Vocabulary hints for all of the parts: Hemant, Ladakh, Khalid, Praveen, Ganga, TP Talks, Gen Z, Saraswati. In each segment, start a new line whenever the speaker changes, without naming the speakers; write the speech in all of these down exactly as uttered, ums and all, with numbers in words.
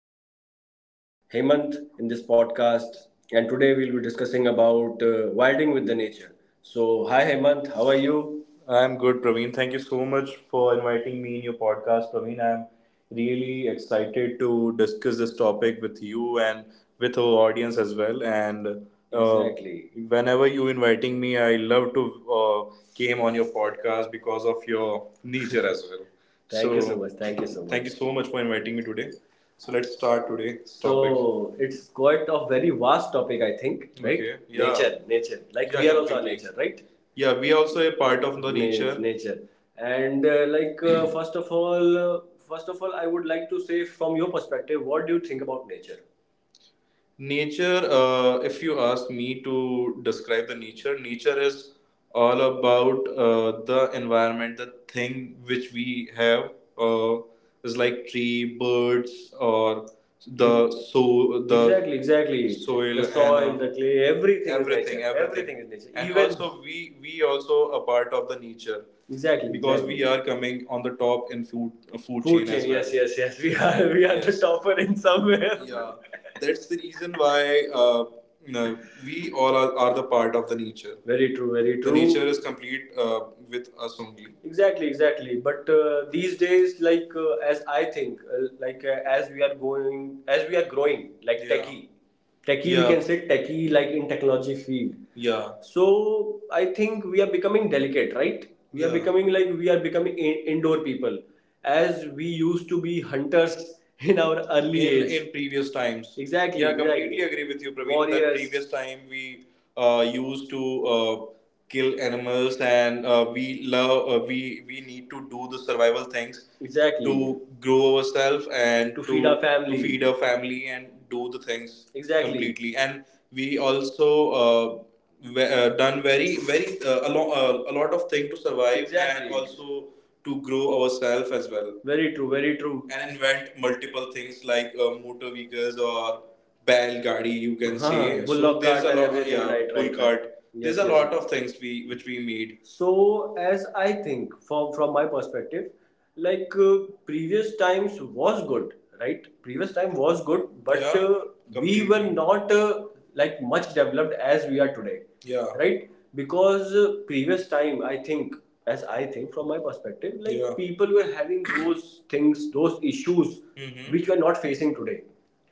my partner Hemant in this podcast. And today we'll be discussing about uh, wilding with the nature. So, hi Hemant, how are you? I'm good, Praveen. Thank you so much for inviting me in your podcast, Praveen. I'm really excited to discuss this topic with you and with our audience as well. And uh, Exactly. whenever you inviting me, I love to uh, came on your podcast because of your nature as well. Thank you so So much. Thank you so thank you much. So much for inviting me today. So let's start today's topic. So it's quite a very vast topic, I think, right? Okay. Yeah. Nature, nature. Like Yeah. we are also a Completely. Nature, right? yeah we are also a part of the nature nature and uh, like uh, first of all uh, first of all I would like to say from your perspective what do you think about nature Nature, uh, if you ask me to describe the nature, nature is all about uh, the environment, the thing which we have uh, is like tree, birds, or the so the Exactly, exactly. soil The soil, and uh, the clay, everything is everything, is nature. everything, Everything is nature. And Even also we we also a part of the nature exactly, because exactly. we exactly. are coming on the top in food uh, food Food chain chain, as well. Yes, yes, yes. We are we are the Yes. topper in somewhere. Yeah. That's the reason why uh, you know we all are, are the part of the nature. Very true, very true. The nature is complete uh, with us only. Exactly exactly but uh, these days like uh, as I think uh, like uh, as we are going as we are growing like Yeah. techie techie Yeah. we can say techie like in technology field yeah so I think we are becoming delicate right we yeah. are Yeah. becoming like we are becoming in- indoor people as we used to be hunters in our early in, age in previous times Exactly, yeah exactly. completely agree with you praveen that Warriors. That previous time we uh, used to uh, kill animals and uh, we love uh, we we need to do the survival things Exactly. to grow ourselves and To feed our family. To feed our family and do the things Exactly. completely and we also uh, ve- uh, done very very uh, a, lo- uh, a lot of thing to survive Exactly. and Exactly. also to grow ourselves as well Very true. Very true. And invent multiple things like uh, motor vehicles or Bell Gadi, you can Huh, say. So there's a lot, yeah, right, right, pull right. cart. Yes, there's yes, a yes, lot yes. of things we which we need. So, as I think from from my perspective, like uh, previous times was good, right? Previous time was good, but Yeah, uh, we were not uh, like much developed as we are today, Yeah. right? Because uh, previous time, I think, as I think from my perspective, like Yeah. people were having those things, those issues Mhm. which we are not facing today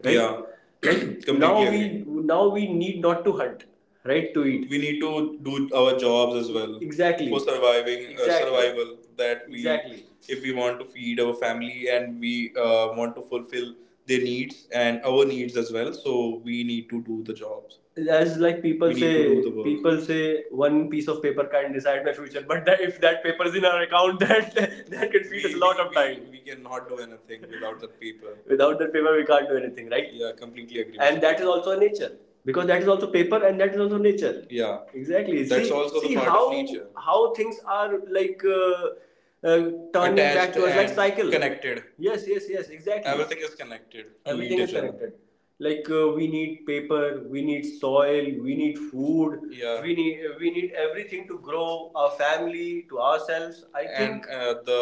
right? Yeah. Completely now we now we need not to hunt, right? To eat. We need to do our jobs as well Exactly. for surviving exactly. uh, Exactly. survival that we Exactly. if we want to feed our family and we uh, want to fulfill their needs and our needs as well so we need to do the jobs as like people say people say one piece of paper can not decide my future but that, if that paper is in our account that that can feed we, us a lot we, of time We we cannot do anything without the paper. without that paper we can't do anything right Yeah, completely agree. And that is also nature because that is also paper and that is also nature Yeah. exactly That's see, also the see the part of how, of nature. How things are like uh, uh, turning back Attached towards like cycle Connected. Yes yes yes exactly Everything is connected. Everything is connected like uh, we need paper we need soil we need food Yeah. we need uh, we need everything to grow our family to ourselves I and think uh, the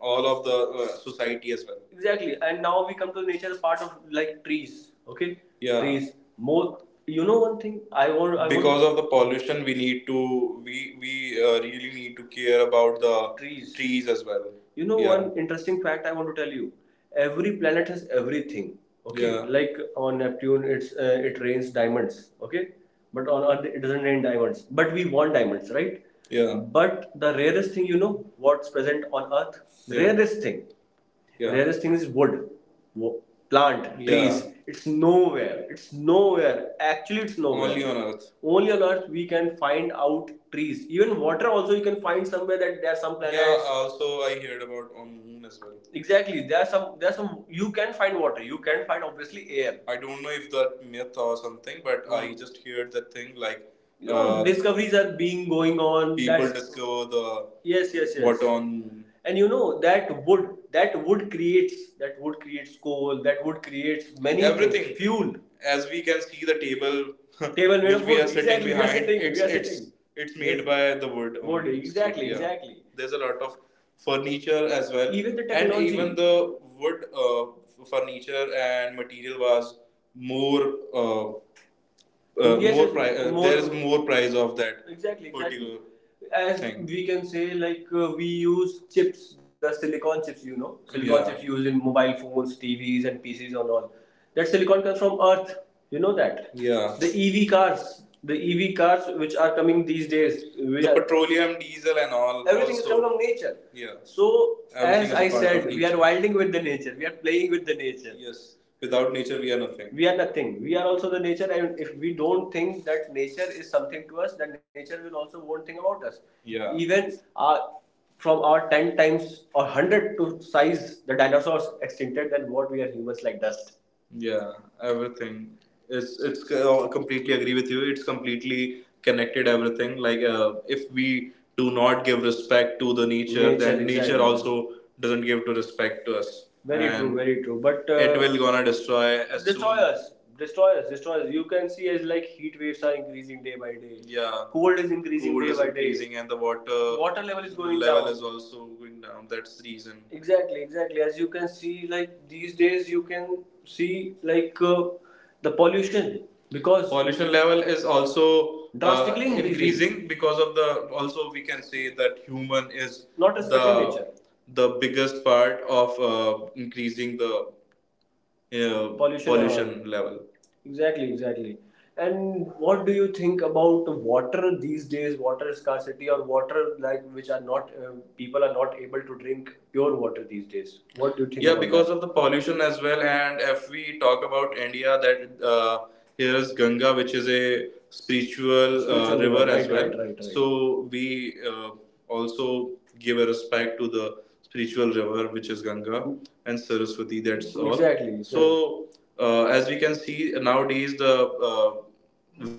all of the uh, society as well. Exactly and now we come to nature part of like trees okay Yeah. trees more you know one thing I want I because want of the pollution, we need to we we uh, really need to care about the Trees. Trees as well. You know yeah. one interesting fact I want to tell you every planet has everything. Okay, Yeah. like on Neptune, it's uh, it rains diamonds. Okay, but on Earth it doesn't rain diamonds. But we want diamonds, right? Yeah. But the rarest thing, you know, what's present on Earth? Yeah. Rarest thing. Yeah. Rarest thing is wood, wo- plant, Yeah. trees. It's nowhere. It's nowhere. Actually, it's nowhere. Only on Earth. Only on Earth we can find out trees. Even water also you can find somewhere that there are some planets. Yeah, also I heard about on Moon as well. Exactly. There are some. There are some. You can find water. You can find obviously air. I don't know if that myth or something, but mm. I just heard that thing like you know, Uh, discoveries are being going on. People that's- discover the yes, yes, yes. water on and you know that wood that wood creates that wood creates coal that wood creates many everything things. Fuel As we can see the table, Table made which of we are sitting Exactly, behind, we are behind, sitting, we it's, we are it's, sitting. It's made yes. by the wood. Wood only. So, exactly so, yeah. exactly There's a lot of furniture as well. Even the technology. And even the wood uh, furniture and material was more uh, uh, Yes, more yes, price. Uh, more- there is more price of that Exactly, particular. Exactly. As thing. We can say, like uh, we use chips, the silicon chips, you know, silicon Yeah. chips used in mobile phones, T Vs, and P Cs, and all. That silicon comes from Earth. You know that. Yeah, The E V cars, the E V cars which are coming these days, the petroleum, diesel, and all. Everything also. Is coming from nature. Yeah. So, Everything as I said, we are wilding with the nature. We are playing with the nature. Yes. Without nature, we are nothing. We are nothing we are also the nature and if we don't think that nature is something to us then nature will also won't think about us Yeah. even uh, from our ten times or hundred to size the dinosaurs extincted than what we are humans like dust yeah, everything. It's it's c- uh, completely agree with you. It's completely connected everything. Like uh, if we do not give respect to the nature, Nature, then nature exactly. also doesn't give to respect to us, Very true, and very true. But it uh, will gonna destroy as destroy soon. Us destroyers destroyers you can see as like heat waves are increasing day by day Yeah. cold is increasing Cold day is by increasing day. And the water water level is going level down Level is also going down. That's the reason. Exactly exactly as you can see like these days you can see like uh, the pollution because Pollution level is also uh, Drastically increasing. Increasing because of the also we can say that human is Not respecting the, nature. The biggest part of uh, increasing the uh, Pollution pollution level. Level. Exactly, exactly. And what do you think about water these days? Water scarcity or water like which are not uh, people are not able to drink pure water these days. What do you think Yeah, about that? Because of the pollution as well. And if we talk about India, that uh, here's Ganga, which is a spiritual uh, Spiritual river, river as right, right, well. Right, right. right. So we uh, also give a respect to the spiritual river, which is Ganga and Saraswati. That's all. Exactly, exactly. So uh, as we can see nowadays the uh,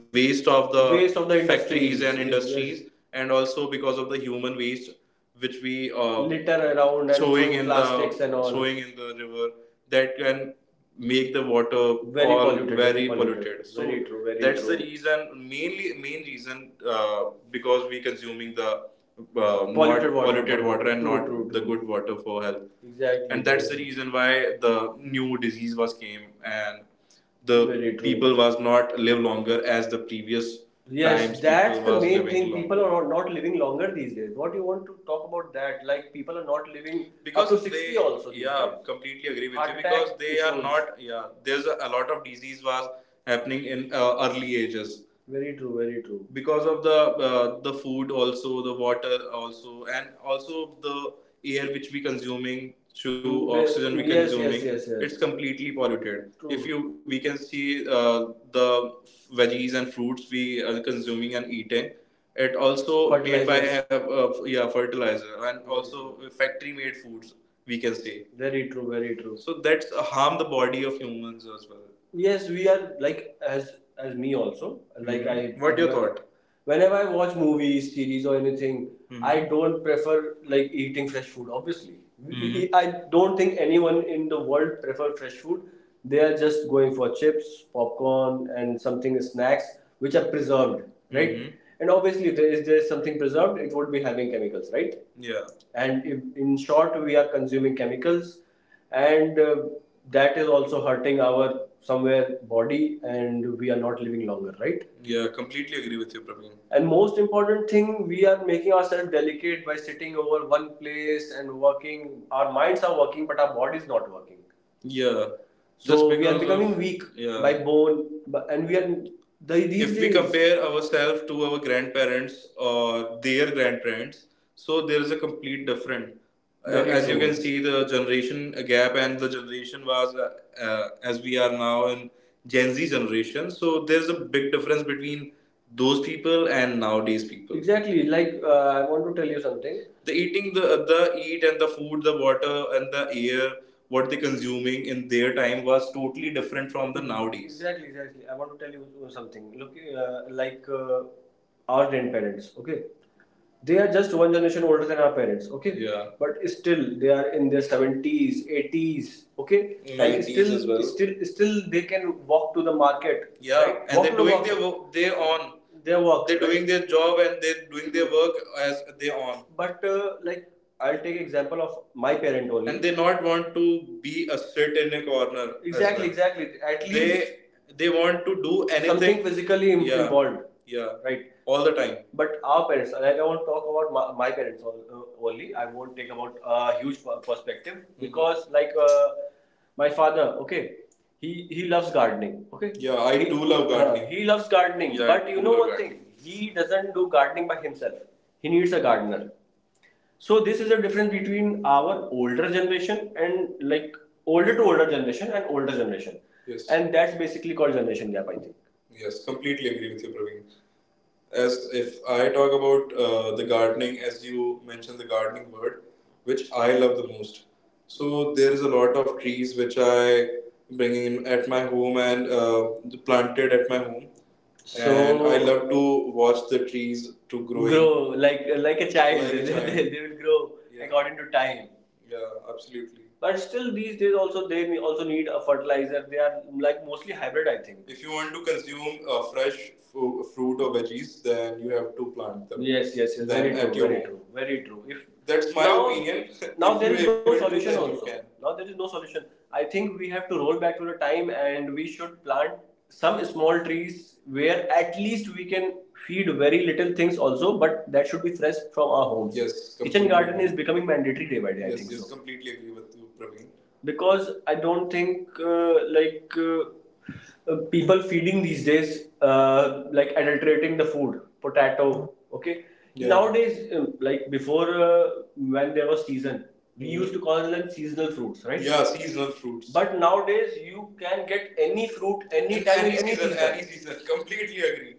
waste of the Waste of the factories and industries, industries and also because of the human waste which we uh, litter around and throwing in plastics the and all. Throwing in the river that can make the water Very all polluted, very very polluted, polluted. So Very true, very that's true. The reason mainly main reason uh, because we consuming the uh, more Polluted not water. Polluted water and True, not true, true. The good water for health. Exactly. And that's the reason why the new disease was came and Very the Very true. People was not live longer as the previous Yes, times that's people the was main living thing. Longer. People longer. Are not living longer these days. What do you want to talk about that? Like people are not living because up to sixty they, also. These yeah days. completely agree with you Heart you because they are issues. Not yeah there's a, a lot of disease was happening in uh, early ages very true. Very true. Because of the uh, the food, also the water, also and also the air which we consuming through Yes, oxygen we yes, consuming yes, yes. yes. It's completely polluted if True. You we can see uh, the veggies and fruits we are consuming and eating it, also made by Fertilizers. uh, uh, yeah fertilizer and also factory made foods, we can say. Very true. Very true. So that's harm the body of humans as well. Yes, we are like, as as me also like, mm-hmm. I What do you thought? Whenever I watch movies, series or anything, mm-hmm. I don't prefer like eating fresh food. Obviously mm-hmm. I don't think anyone in the world prefer fresh food. They are just going for chips, popcorn and something snacks which are preserved, right? Mm-hmm. And obviously if there is, there is something preserved, it would be having chemicals, right? Yeah. And if, in short, we are consuming chemicals and uh, that is also hurting our somewhere body and we are not living longer, right? Yeah, completely agree with you, Praveen. And most important thing, we are making ourselves delicate by sitting over one place and working. Our minds are working, but our body is not working. Yeah. So we are becoming weak yeah. by bone, and we are the, these if days, we compare ourselves to our grandparents or their grandparents, so there is a complete different. Uh, Very as you true. Can see, the generation gap and the generation was uh, uh, as we are now in Gen Z generation. So there is a big difference between those people and nowadays people. Exactly. Like uh, I want to tell you something, the eating the the eat and the food, the water and the air what they consuming in their time was totally different from the nowadays. Exactly, exactly. I want to tell you something. Look, uh, like uh, our grandparents, okay? They are just one generation older than our parents, okay? Yeah. But still they are in their seventies, eighties, okay, and nineties still as well. Still still they can walk to the market, Yeah, right? And Walk they're doing market. Their work. They on. their work They're right? doing their job and they're doing their work as they on. But uh, like I'll take example of my parent only. And they not want to be a sit in a corner, exactly, well. exactly. at least they they want to do anything, something physically Yeah. involved, yeah, right? All the time. But our parents, like I won't talk about my, my parents uh, only. I won't take about a huge per- perspective mm-hmm. because, like, uh, my father, okay, he he loves gardening, okay. yeah I he, do love gardening Uh, he loves gardening, Yeah, but you know love one gardening. Thing: he doesn't do gardening by himself. He needs a gardener. So this is the difference between our older generation and, like, older to older generation and older generation. Yes. And that's basically called generation gap, I think. Yes, completely agree with you, Praveen. As if I talk about uh, the gardening, as you mentioned the gardening word, which I love the most. So there is a lot of trees which I bringing in at my home and uh, planted at my home, and I So love to watch the trees to growing grow like like a child. like a they, child. they will grow Yeah. according to time. Yeah, absolutely. But still, these days also they ne- also need a fertilizer. They are like mostly hybrid, I think. If you want to consume uh, fresh fu- fruit or veggies, then you have to plant them. Yes, yes, yes. Then Very at true. Your Very home. True. Very true. If That's my now, opinion. Now If there you're is no able to, solution then you also. Can. Now there is no solution. I think we have to roll back to the time and we should plant some small trees where at least we can feed very little things also, but that should be fresh from our homes. Yes, kitchen garden is becoming mandatory day by day, I Yes, I think yes, so. Completely agree with you, Praveen, because I don't think uh, like uh, uh, people feeding these days uh, like adulterating the food, potato. Okay, Yeah. nowadays um, like before uh, when there was season, we Mhm. used to call them seasonal fruits, right? Yeah, seasonal fruits. But nowadays you can get any fruit In any In time any, any season, season. Any season. Completely agree.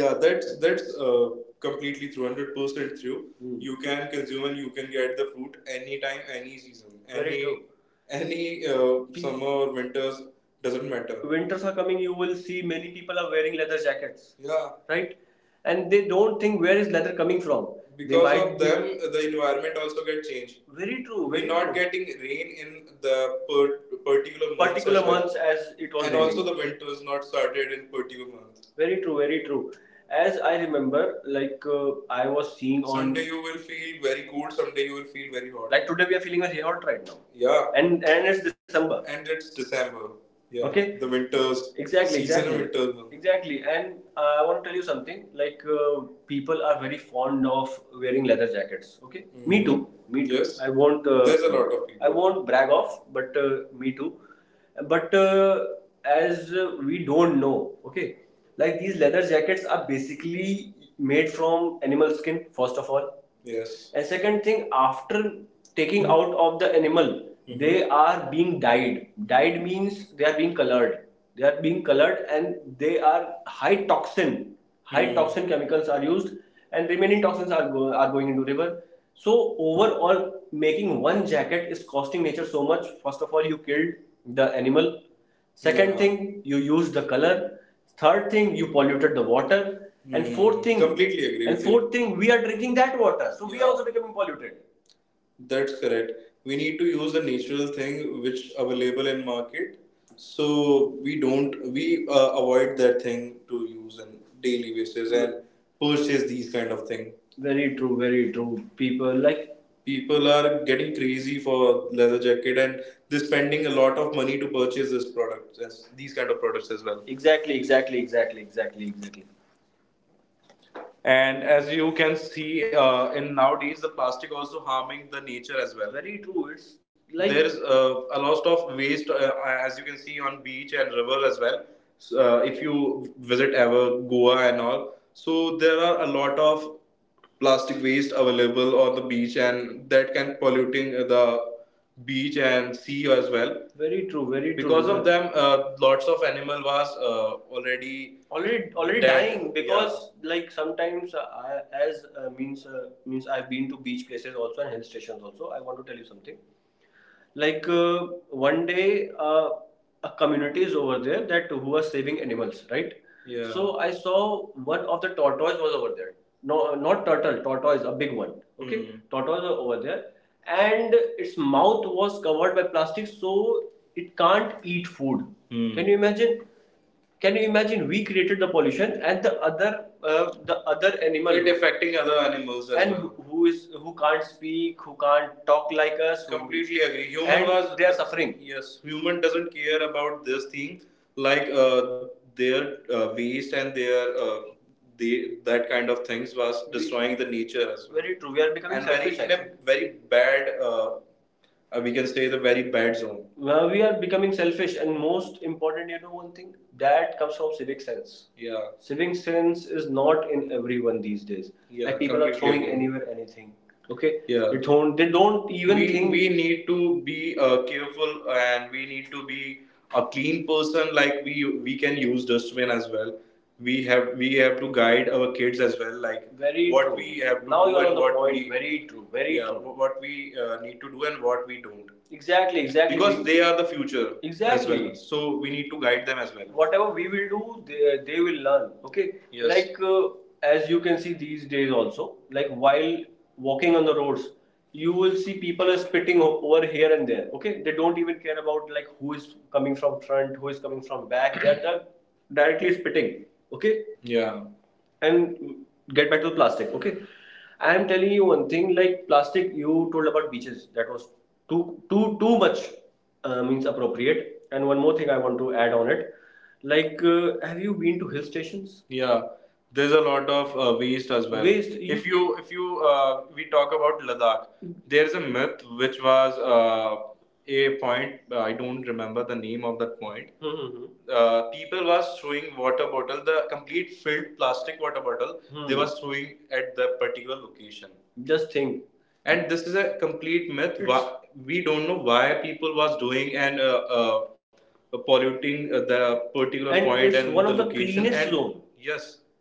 Yeah, that's that's uh, completely true, hundred percent true. Hmm. You can consume and you can get the fruit anytime, any season, Very any true. Any uh, summer, winters, doesn't matter. Winters are coming, you will see many people are wearing leather jackets, Yeah, right, and they don't think where is leather coming from. Because of them, the environment also get changed. Very true very We're not true. Getting rain in the per- particular months. Particular as well. Months well. As it was and raining. Also the winter is not started in particular months. Very true, very true. As I remember, like uh, I was seeing on. Someday you will feel very cold, someday you will feel very hot. Like today, we are feeling very hot right now. Yeah. And and it's December. and it's December. Yeah. Okay. The winters. Exactly. Season Exactly. winter. Exactly. And uh, I want to tell you something. Like uh, people are very fond of wearing leather jackets. Okay. Mm-hmm. Me too. Me too. Yes. I won't. Uh, There's a lot of people. I won't brag off, but uh, me too, but uh, as uh, we don't know, okay, like these leather jackets are basically made from animal skin, first of all. Yes. And second thing, after taking mm-hmm. out of the animal, mm-hmm. they are being dyed. Dyed means they are being colored, they are being colored, and they are high toxin. High mm. toxin chemicals are used, and remaining toxins are go- are going into river. So overall, making one jacket is costing nature so much. First of all, you killed the animal. Second Yeah. thing, you used the color. Third thing, you polluted the water. Mm. And fourth thing, Completely agree And fourth thing, we are drinking that water, so yeah. We are Yeah. also becoming polluted. That's correct. We need to use the natural thing which available in market. So we don't we uh, avoid that thing to use in daily basis and purchase these kind of thing. Very true, very true. People like People are getting crazy for leather jacket and they're spending a lot of money to purchase this product, as these kind of products as well. Exactly, exactly, exactly, exactly, exactly. And as you can see, uh, in nowadays the plastic also harming the nature as well. Very true. It's like there is uh, a lot of waste, uh, as you can see on beach and river as well. So, uh, if you visit ever Goa and all, so there are a lot of plastic waste available on the beach and that can polluting uh, the beach and sea as well. Very true, very true, because of them uh, lots of animal was uh, already already already dead dying yeah. Because like sometimes uh, I, as uh, means uh, means I've been to beach places also and hill stations also. I want to tell you something, like uh, one day uh, a community is over there that who was saving animals, right? Yeah. So I saw one of the tortoise was over there, no, not turtle, tortoise, a big one, okay? Mhm. Tortoise was over there and its mouth was covered by plastic, so it can't eat food. Hmm. Can you imagine, can you imagine? We created the pollution, and the other uh, the other animal It affecting other animals as and well. who is, who can't speak, who can't talk like us, who- completely who, agree human and was they are suffering. Yes, human doesn't care about this thing, like uh, their uh, waste and their uh, the that kind of things was destroying the nature as well. Very true. We are becoming and selfish. Very In a very bad uh, uh, we can stay in the very bad zone. Now we are becoming selfish, and most important, you know, one thing that comes from civic sense. Yeah. Civic sense is not in everyone these days. Yeah, like people are throwing agree. Anywhere anything. Okay. Yeah. They don't. They don't even we, think. We need to be uh, careful and we need to be a clean person like we we can use dustbin as well. We have we have to guide our kids as well, like Very what true. We have to now do you're on and the what point. We Very true. Very yeah, true. What we uh, need to do and what we don't. Exactly. Exactly. because We- they are the future as Exactly. well, so we need to guide them as well. Whatever we will do, they, they will learn. Okay. Yes. Like uh, as you can see these days also, like while walking on the roads, you will see people are spitting o- over here and there. Okay, they don't even care about like who is coming from front, who is coming from back. They are, they are directly spitting. Okay. Yeah. And get back to the plastic. Okay, I am telling you one thing. Like plastic, you told about beaches. That was too too too much uh, means appropriate. And one more thing I want to add on it. Like, uh, have you been to hill stations? Yeah. There's a lot of uh, waste as well. Waste, If you if you uh, we talk about Ladakh, there's a myth which was uh, a point. uh, I don't remember the name of that point. Mhm. Uh, people was throwing water bottle, the complete filled plastic water bottle. Mm-hmm. They Hmm. was throwing at that particular location. Just think. And this is a complete myth. Why, we don't know why people was doing and uh, uh, polluting uh, the particular And point and one the of the location cleanest and zone. Yes,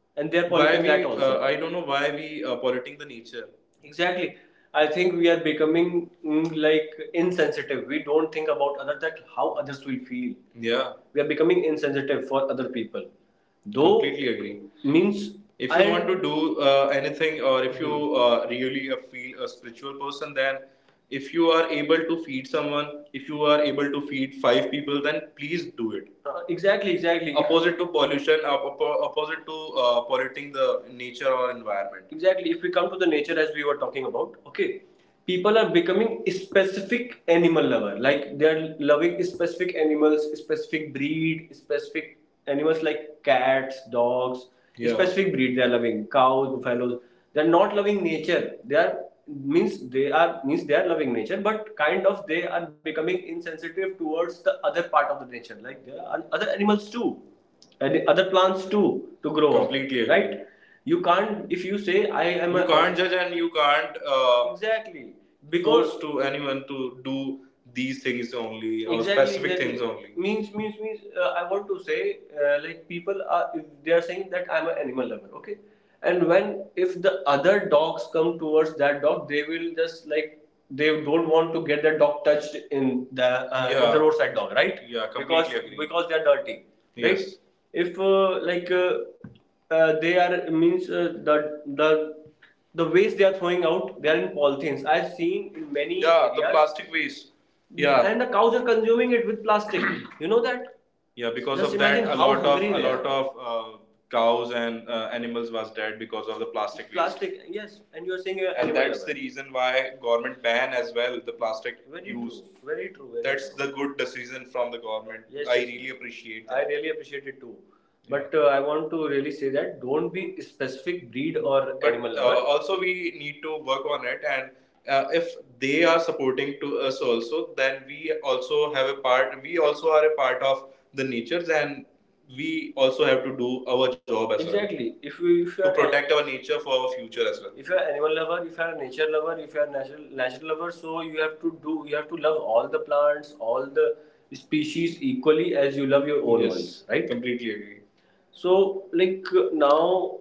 and they're polluting we that uh, also. Uh, I don't know why we are polluting the nature. Exactly. I think we are becoming mm, like insensitive. We don't think about other, that how others will feel. Yeah, we are becoming insensitive for other people. Though completely agree. Means if you I want to do uh, anything, or if you uh, really uh, feel a spiritual person, then if you are able to feed someone, if you are able to feed five people, then please do it. Uh, exactly, exactly. Opposite to pollution op- oppo- opposite to uh, polluting the nature or environment, exactly. If we come to the nature as we were talking about, okay, people are becoming specific animal lover, like they are loving specific animals, specific breed, specific animals like cats, dogs, Yeah. specific breed they are loving, cows, buffaloes. They are not loving nature. They are means they are means they are loving nature, but kind of they are becoming insensitive towards the other part of the nature. Like there are other animals too and other plants too to grow. Completely right you can't if you say I am You a can't judge and you can't uh, exactly force because force to anyone to do these things only or exactly, specific exactly. things only. Means means means uh, I want to say uh, like people are if they are saying that I'm an animal lover, okay, and when if the other dogs come towards that dog, they will just like they don't want to get their dog touched in the uh, Yeah. the roadside dog, right? Yeah, completely because agree. Because they're dirty, yes. right? Yes. If uh, like uh, uh, they are means uh, the the the waste they are throwing out, they are in polythenes. I've seen in many Yeah, areas, the plastic waste. Yeah. And the cows are consuming it with plastic. You know that, yeah, because Just of that, imagine a how lot of hungry a they lot are. Of uh, cows and uh, animals was dead because of the plastic waste. Plastic, yes, and you are saying you're and animal that's the lover. Reason why government ban as well the plastic very use. True, very true. Very That's true. The good decision from the government. Yes, I yes. really appreciate I that. Really appreciate it too. Yeah. But uh, I want to really say that don't be specific breed or but animal uh, lover. Also we need to work on it and uh, if they are supporting to us also, then we also have a part. We also are a part of the natures and we also have to do our job as exactly. well Exactly. If we if you to are a- protect an, our nature for our future as well, if you are an animal lover, if you are a nature lover, if you are a natural natural lover, so you have to do, you have to love all the plants, all the species equally as you love your own yes ones, right? completely agree Right. So, like uh, now,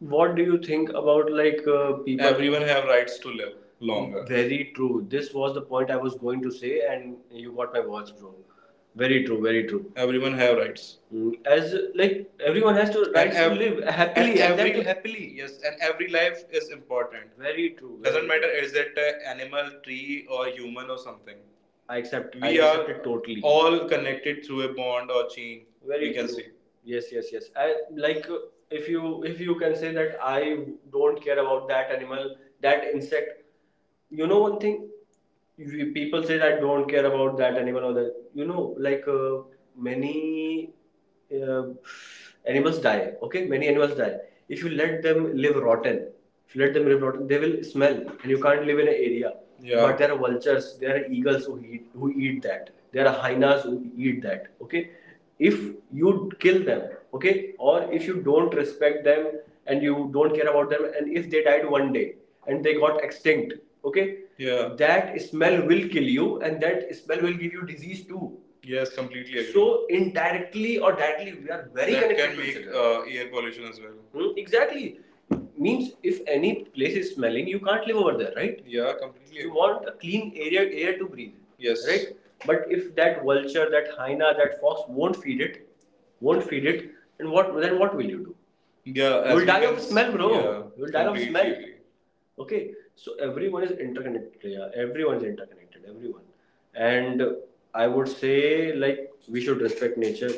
what do you think about like uh, people? Everyone have rights to live longer. Very true. This was the point I was going to say, and you got my words, bro. Very true. Very true. Everyone have rights. Mm, as like everyone has to And rights to ev- live and happily and that every too happily. Yes, and every life is important. Very true. Doesn't Very matter true. Is it an animal, tree, or human or something. I accept. We I We are it totally. All connected through a bond or chain. Very we can true. See. Yes, yes, yes. I like uh, if you if you can say that I don't care about that animal, that insect. You know one thing, you, people say that I don't care about that animal or that. You know, like uh, many uh, animals die, okay, many animals die. If you let them live rotten, if you let them live rotten, they will smell and you can't live in an area. Yeah. But there are vultures, there are eagles who eat who eat that, there are hyenas who eat that, okay. If you kill them, okay, or if you don't respect them and you don't care about them, and if they died one day and they got extinct, okay, Yeah. that smell will kill you and that smell will give you disease too. Yes, completely agree. So indirectly or directly, we are very that connected can to each make each other. uh, air pollution as well. Hmm, exactly. Means if any place is smelling, you can't live over there, right? Yeah, completely. You agree. Want a clean area air to breathe. Yes. Right? But if that vulture, that hyena, that fox won't feed it, won't feed it, and what then what will you do? Yeah, you'll die can of smell, bro. Yeah, you'll die of completely smell. Completely agree. Okay, so everyone is interconnected. Yeah, everyone is interconnected. Everyone, and I would say like we should respect nature.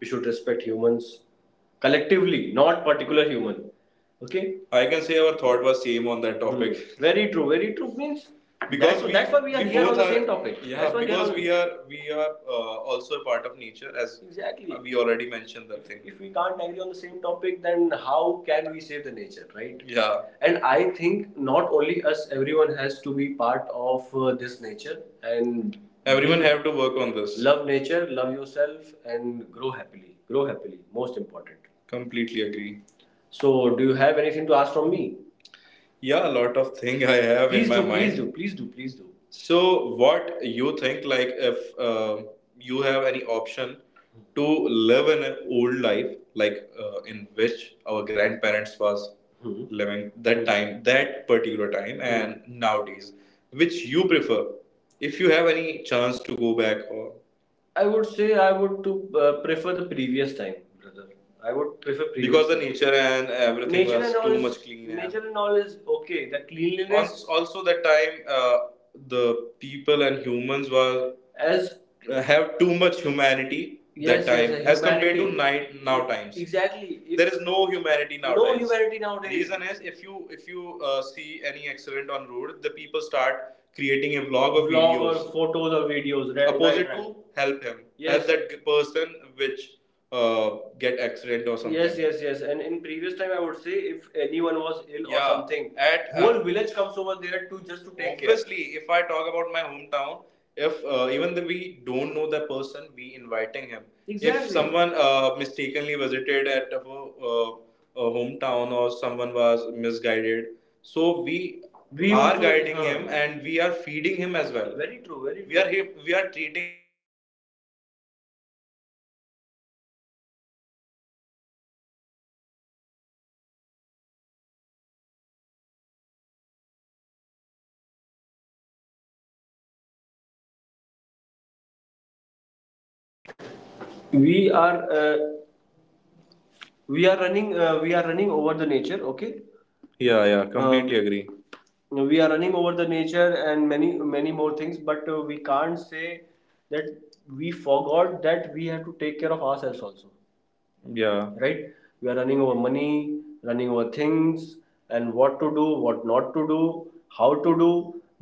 We should respect humans collectively, not particular human. Okay. I can say our thought was same on that topic. Hmm. Very true. Very true means Because that's, we, that's why we are we here on the are, same topic. Yeah, that's because we we are we are uh, also a part of nature, as Exactly. we already mentioned that thing. If we can't agree on the same topic, then how can we save the nature, right? Yeah, and I think not only us, everyone has to be part of uh, this nature and everyone have to work on this. Love nature, love yourself, and grow happily. Grow happily, most important. Completely agree. So, do you have anything to ask from me? Yeah, a lot of thing I have Please in my do, mind. Please do, please do, please do. So, what you think, like, if uh, you have any option to live in an old life, like uh, in which our grandparents was Hmm. living that time, that particular time, Hmm. and nowadays, which you prefer? If you have any chance to go back or I would say I would to uh, prefer the previous time, brother. I would prefer previous because the time. Nature and everything nature was and all too is much clean. and- nature and all is okay. The cleanliness also, also that time uh, the people and humans were as uh, have too much humanity. Yes, yes, that time yes, as compared to humanity. Now times. Exactly if There is no humanity now. No humanity nowadays. Reason is if you if you uh, see any accident on road, the people start creating a vlog of vlog videos or photos or videos right, opposite right, right. to help him, Yes. help that person which uh, get accident or something. Yes, yes, yes. And in previous time, I would say if anyone was ill. Yeah. or something, At uh, whole uh, village comes over there to just to take care. Obviously, if I talk about my hometown, if uh, even though we don't know the person, we inviting him. Exactly. If Exactly. someone uh, mistakenly visited at our uh, uh, hometown or someone was misguided, so we, We are guiding huh. him and we are feeding him as well. Very true. Very. True. We are we are treating.
we are uh, we are running uh, we are running over the nature. Okay. Yeah, yeah, completely uh, agree. We are running over the nature and many many more things, but uh, we can't say that we forgot that we have to take care of ourselves also. Yeah, right? We are running over money, running over things, and what to do, what not to do, how to do,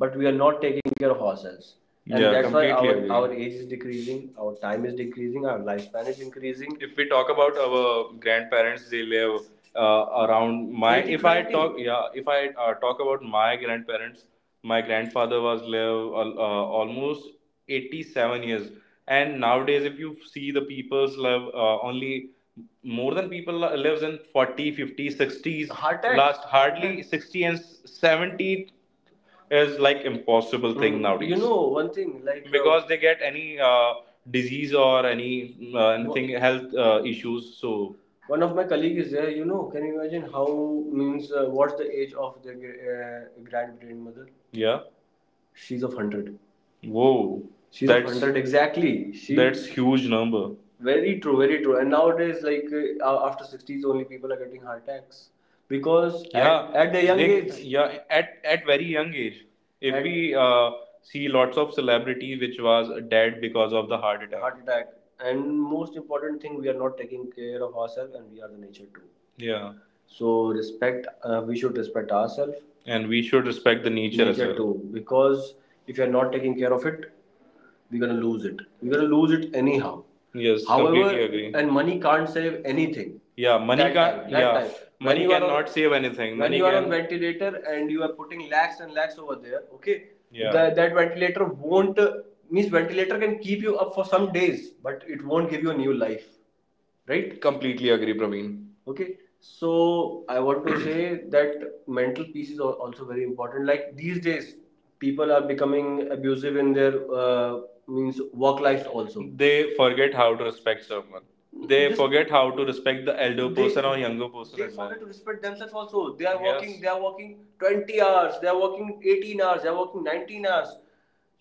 but we are not taking care of ourselves. And yeah, that's why, completely our, our agree. Age is decreasing, our time is decreasing, our lifespan is increasing. If we talk about our grandparents, they live, uh, around my eighty if I twenty talk twenty. Yeah, if I, uh, talk about my grandparents, my grandfather was live al- uh, almost eighty-seven years. And nowadays, if you see the people's live, uh, only more than people lives in forty, fifty, sixties, fifty, sixties. Heart attack. Last, hardly sixty and seventy is like impossible thing. Mm, nowadays, you know, one thing, like, uh, because uh, they get any uh, disease or any uh, anything, what health uh, issues. So one of my colleague is there. You know, can you imagine how, means, uh, what's the age of the uh, grand grandmother? Yeah, she's of one hundred. Whoa, She's that's, of that's one hundred, exactly. She that's huge number. Very true, very true. And nowadays, like, uh, after sixties, only people are getting heart attacks because, yeah, at, at the young they- age. Yeah, at at very young age, if At- we uh, see lots of celebrities, which was dead because of the heart attack. heart attack. And most important thing, we are not taking care of ourselves and we are the nature too. Yeah, so, respect, uh, we should respect ourselves and we should respect the nature, nature as well, too, because if you're not taking care of it, we're gonna lose it we're gonna lose it anyhow. Yes, however, completely agree. And money can't save anything. Yeah, money that can time, yeah, time, money cannot save anything. When you are on ventilator and you are putting lakhs and lakhs over there. Okay, yeah, that, that ventilator won't, means ventilator can keep you up for some days, but it won't give you a new life. Right? Completely agree, Praveen. Okay, so I want to say that mental peace is also very important. Like, these days people are becoming abusive in their, uh, means, work life also. They forget how to respect someone. They This- forget how to respect the elder they, person or younger person they as well. Forget, well, to respect themselves also. They are, yes, working. Yes, they are working twenty hours, they are working eighteen hours, they are working nineteen hours.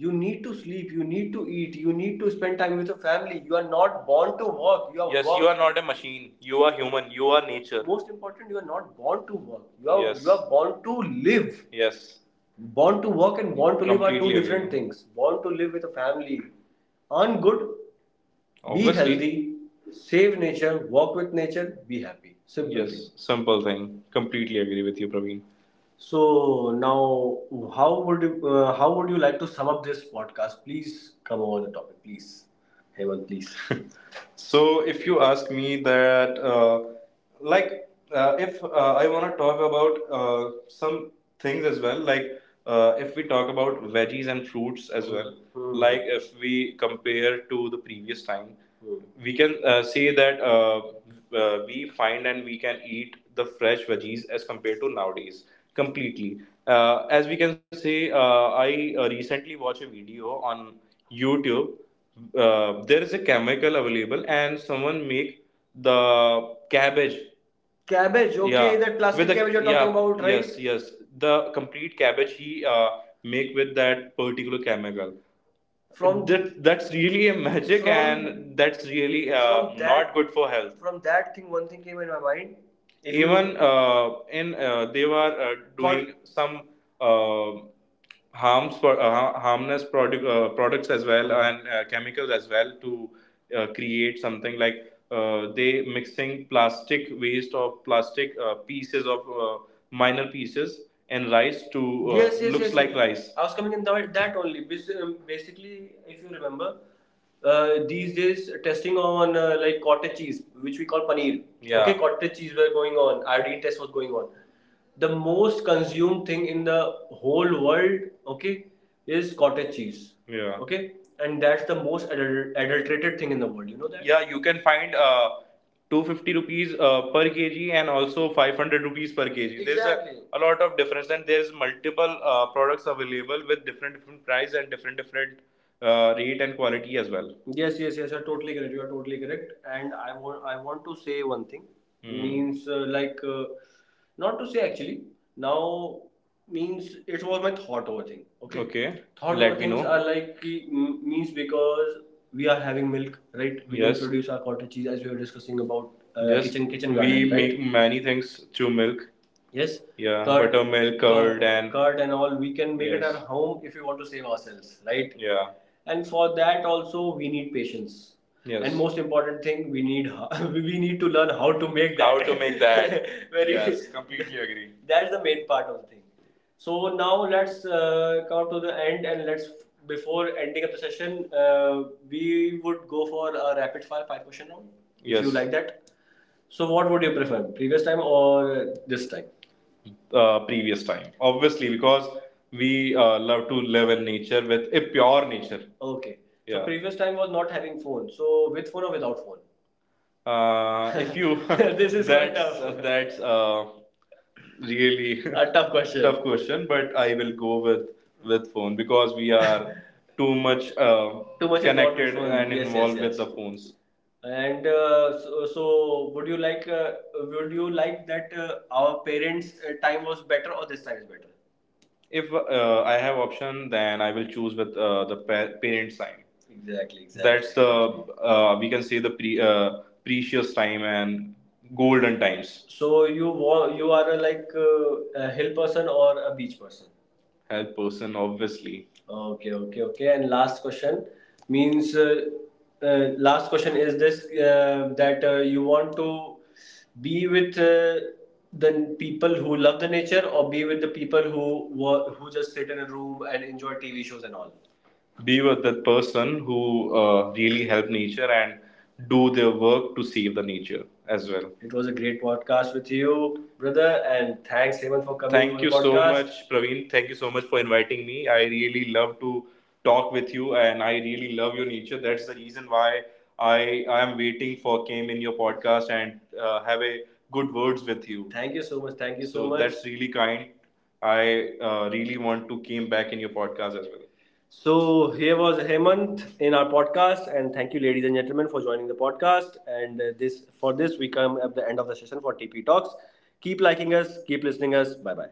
You need to sleep, you need to eat, you need to spend time with your family. You are not born to work. You are, yes, work. You are not a machine. You are human. You are nature. Most important, you are not born to work. You are, yes, you are born to live. Yes. Born to work and born to live are two different things. Born to live with a family, earn good. Obviously. Be healthy, save nature, work with nature, be happy. Simple, yes, thing. Simple thing. Completely agree with you, Praveen. So now, how would you, uh, how would you like to sum up this podcast? Please come over the topic, please, Hemant, please. So, if you ask me that, uh, like, uh, if uh, I want to talk about uh, some things as well, like, uh, if we talk about veggies and fruits as well. Hmm. Like, if we compare to the previous time, Hmm. we can, uh, say that uh, uh, we find and we can eat the fresh veggies as compared to nowadays completely. Uh, as we can say, uh, I uh, recently watched a video on YouTube. Uh, there is a chemical available and someone make the cabbage. Cabbage, okay, yeah, that plastic, the cabbage you're talking, yeah, about, right? Yes, yes, the complete cabbage he, uh, make with that particular chemical. From that, that's really a magic from. And that's really, uh, from, not good for health. From that thing, one thing came in my mind. If even, uh, in, uh, they were, uh, doing, Con-, some uh, harms for, uh, har-, harmless product, uh, products as well and, uh, chemicals as well, to uh, create something like, uh, they mixing plastic waste or plastic uh, pieces, of uh, minor pieces and rice, to uh, yes, yes, looks, yes, like, yes, rice. I was coming in that, that only. Bas- um, Basically, if you remember, uh, these days, uh, testing on, uh, like, cottage cheese, which we call paneer. Yeah. Okay, cottage cheese were going on. Iodine test was going on. The most consumed thing in the whole world, okay, is cottage cheese. Yeah. Okay, and that's the most adul- adulterated thing in the world. You know that. Yeah, you can find, uh, two hundred fifty rupees uh, per kg and also five hundred rupees per kg. Exactly. There's Exactly. a, a lot of difference and there's multiple, uh, products available with different different price and different different, uh, rate and quality as well. Yes, yes, yes. You're totally correct. You are totally correct. And I want, I want to say one thing. Hmm. Means, uh, like, uh, not to say actually. Now, means, it was my thought over thing. Okay. Okay. Thought. Let over me things know. Are Like, ki- m- means because we are having milk, right? We, yes, can Yes. produce our cottage cheese as we were discussing about, uh, yes, kitchen kitchen We garden, right? make many things through milk. Yes. Yeah, curd, buttermilk, curd, curd, and curd and all we can make it. Yes, at yes. home if we want to save ourselves, right? Yeah, and for that also, we need patience. Yes, and most important thing, we need we need to learn how to make that. How to make that. Very, yes, completely agree. That's the main part of the thing. So now let's, uh, come to the end, and let's, before ending up the session, uh, we would go for a rapid fire five question round. Yes, if Yes. you like that. So what would you prefer, previous time or this time? Uh, previous time, obviously, because we uh, love to live in nature with a pure nature. Okay, so yeah, previous time was not having phone. So with phone or without phone? Uh, if you this is quite, that's quite tough. That's, uh, really, a tough question. Tough question, but I will go with with phone because we are too much, uh, too much connected and, yes, yes, involved, yes. yes, with the phones. And, uh, so, so, would you like? Uh, would you like that, uh, our parents' uh, time was better or this time is better? If, uh, I have option, then I will choose with, uh, the pa- parents time. Exactly, exactly. That's the, uh, we can say, the pre- uh, precious time and golden times. So, you wa- you are a, like, uh, a hill person or a beach person? Health person, obviously. Okay, okay, okay. And last question, means, uh, uh, last question is this, uh, that uh, you want to be with, uh, the people who love the nature or be with the people who wa- who just sit in a room and enjoy T V shows and all. Be with that person who, uh, really help nature and do their work to save the nature as well. It was a great podcast with you, brother, and thanks, Hemant, for coming. Thank you so much, Praveen. Thank you so much for inviting me. I really love to talk with you, and I really love your nature. That's the reason why I I am waiting for came in your podcast and uh, have a good words with you. Thank you so much. Thank you so So much. That's really kind. I uh, really want to came back in your podcast as well. So here was Hemant in our podcast, and thank you, ladies and gentlemen, for joining the podcast. And uh, this, for this, we come at the end of the session for T P Talks. Keep liking us, keep listening us. Bye bye.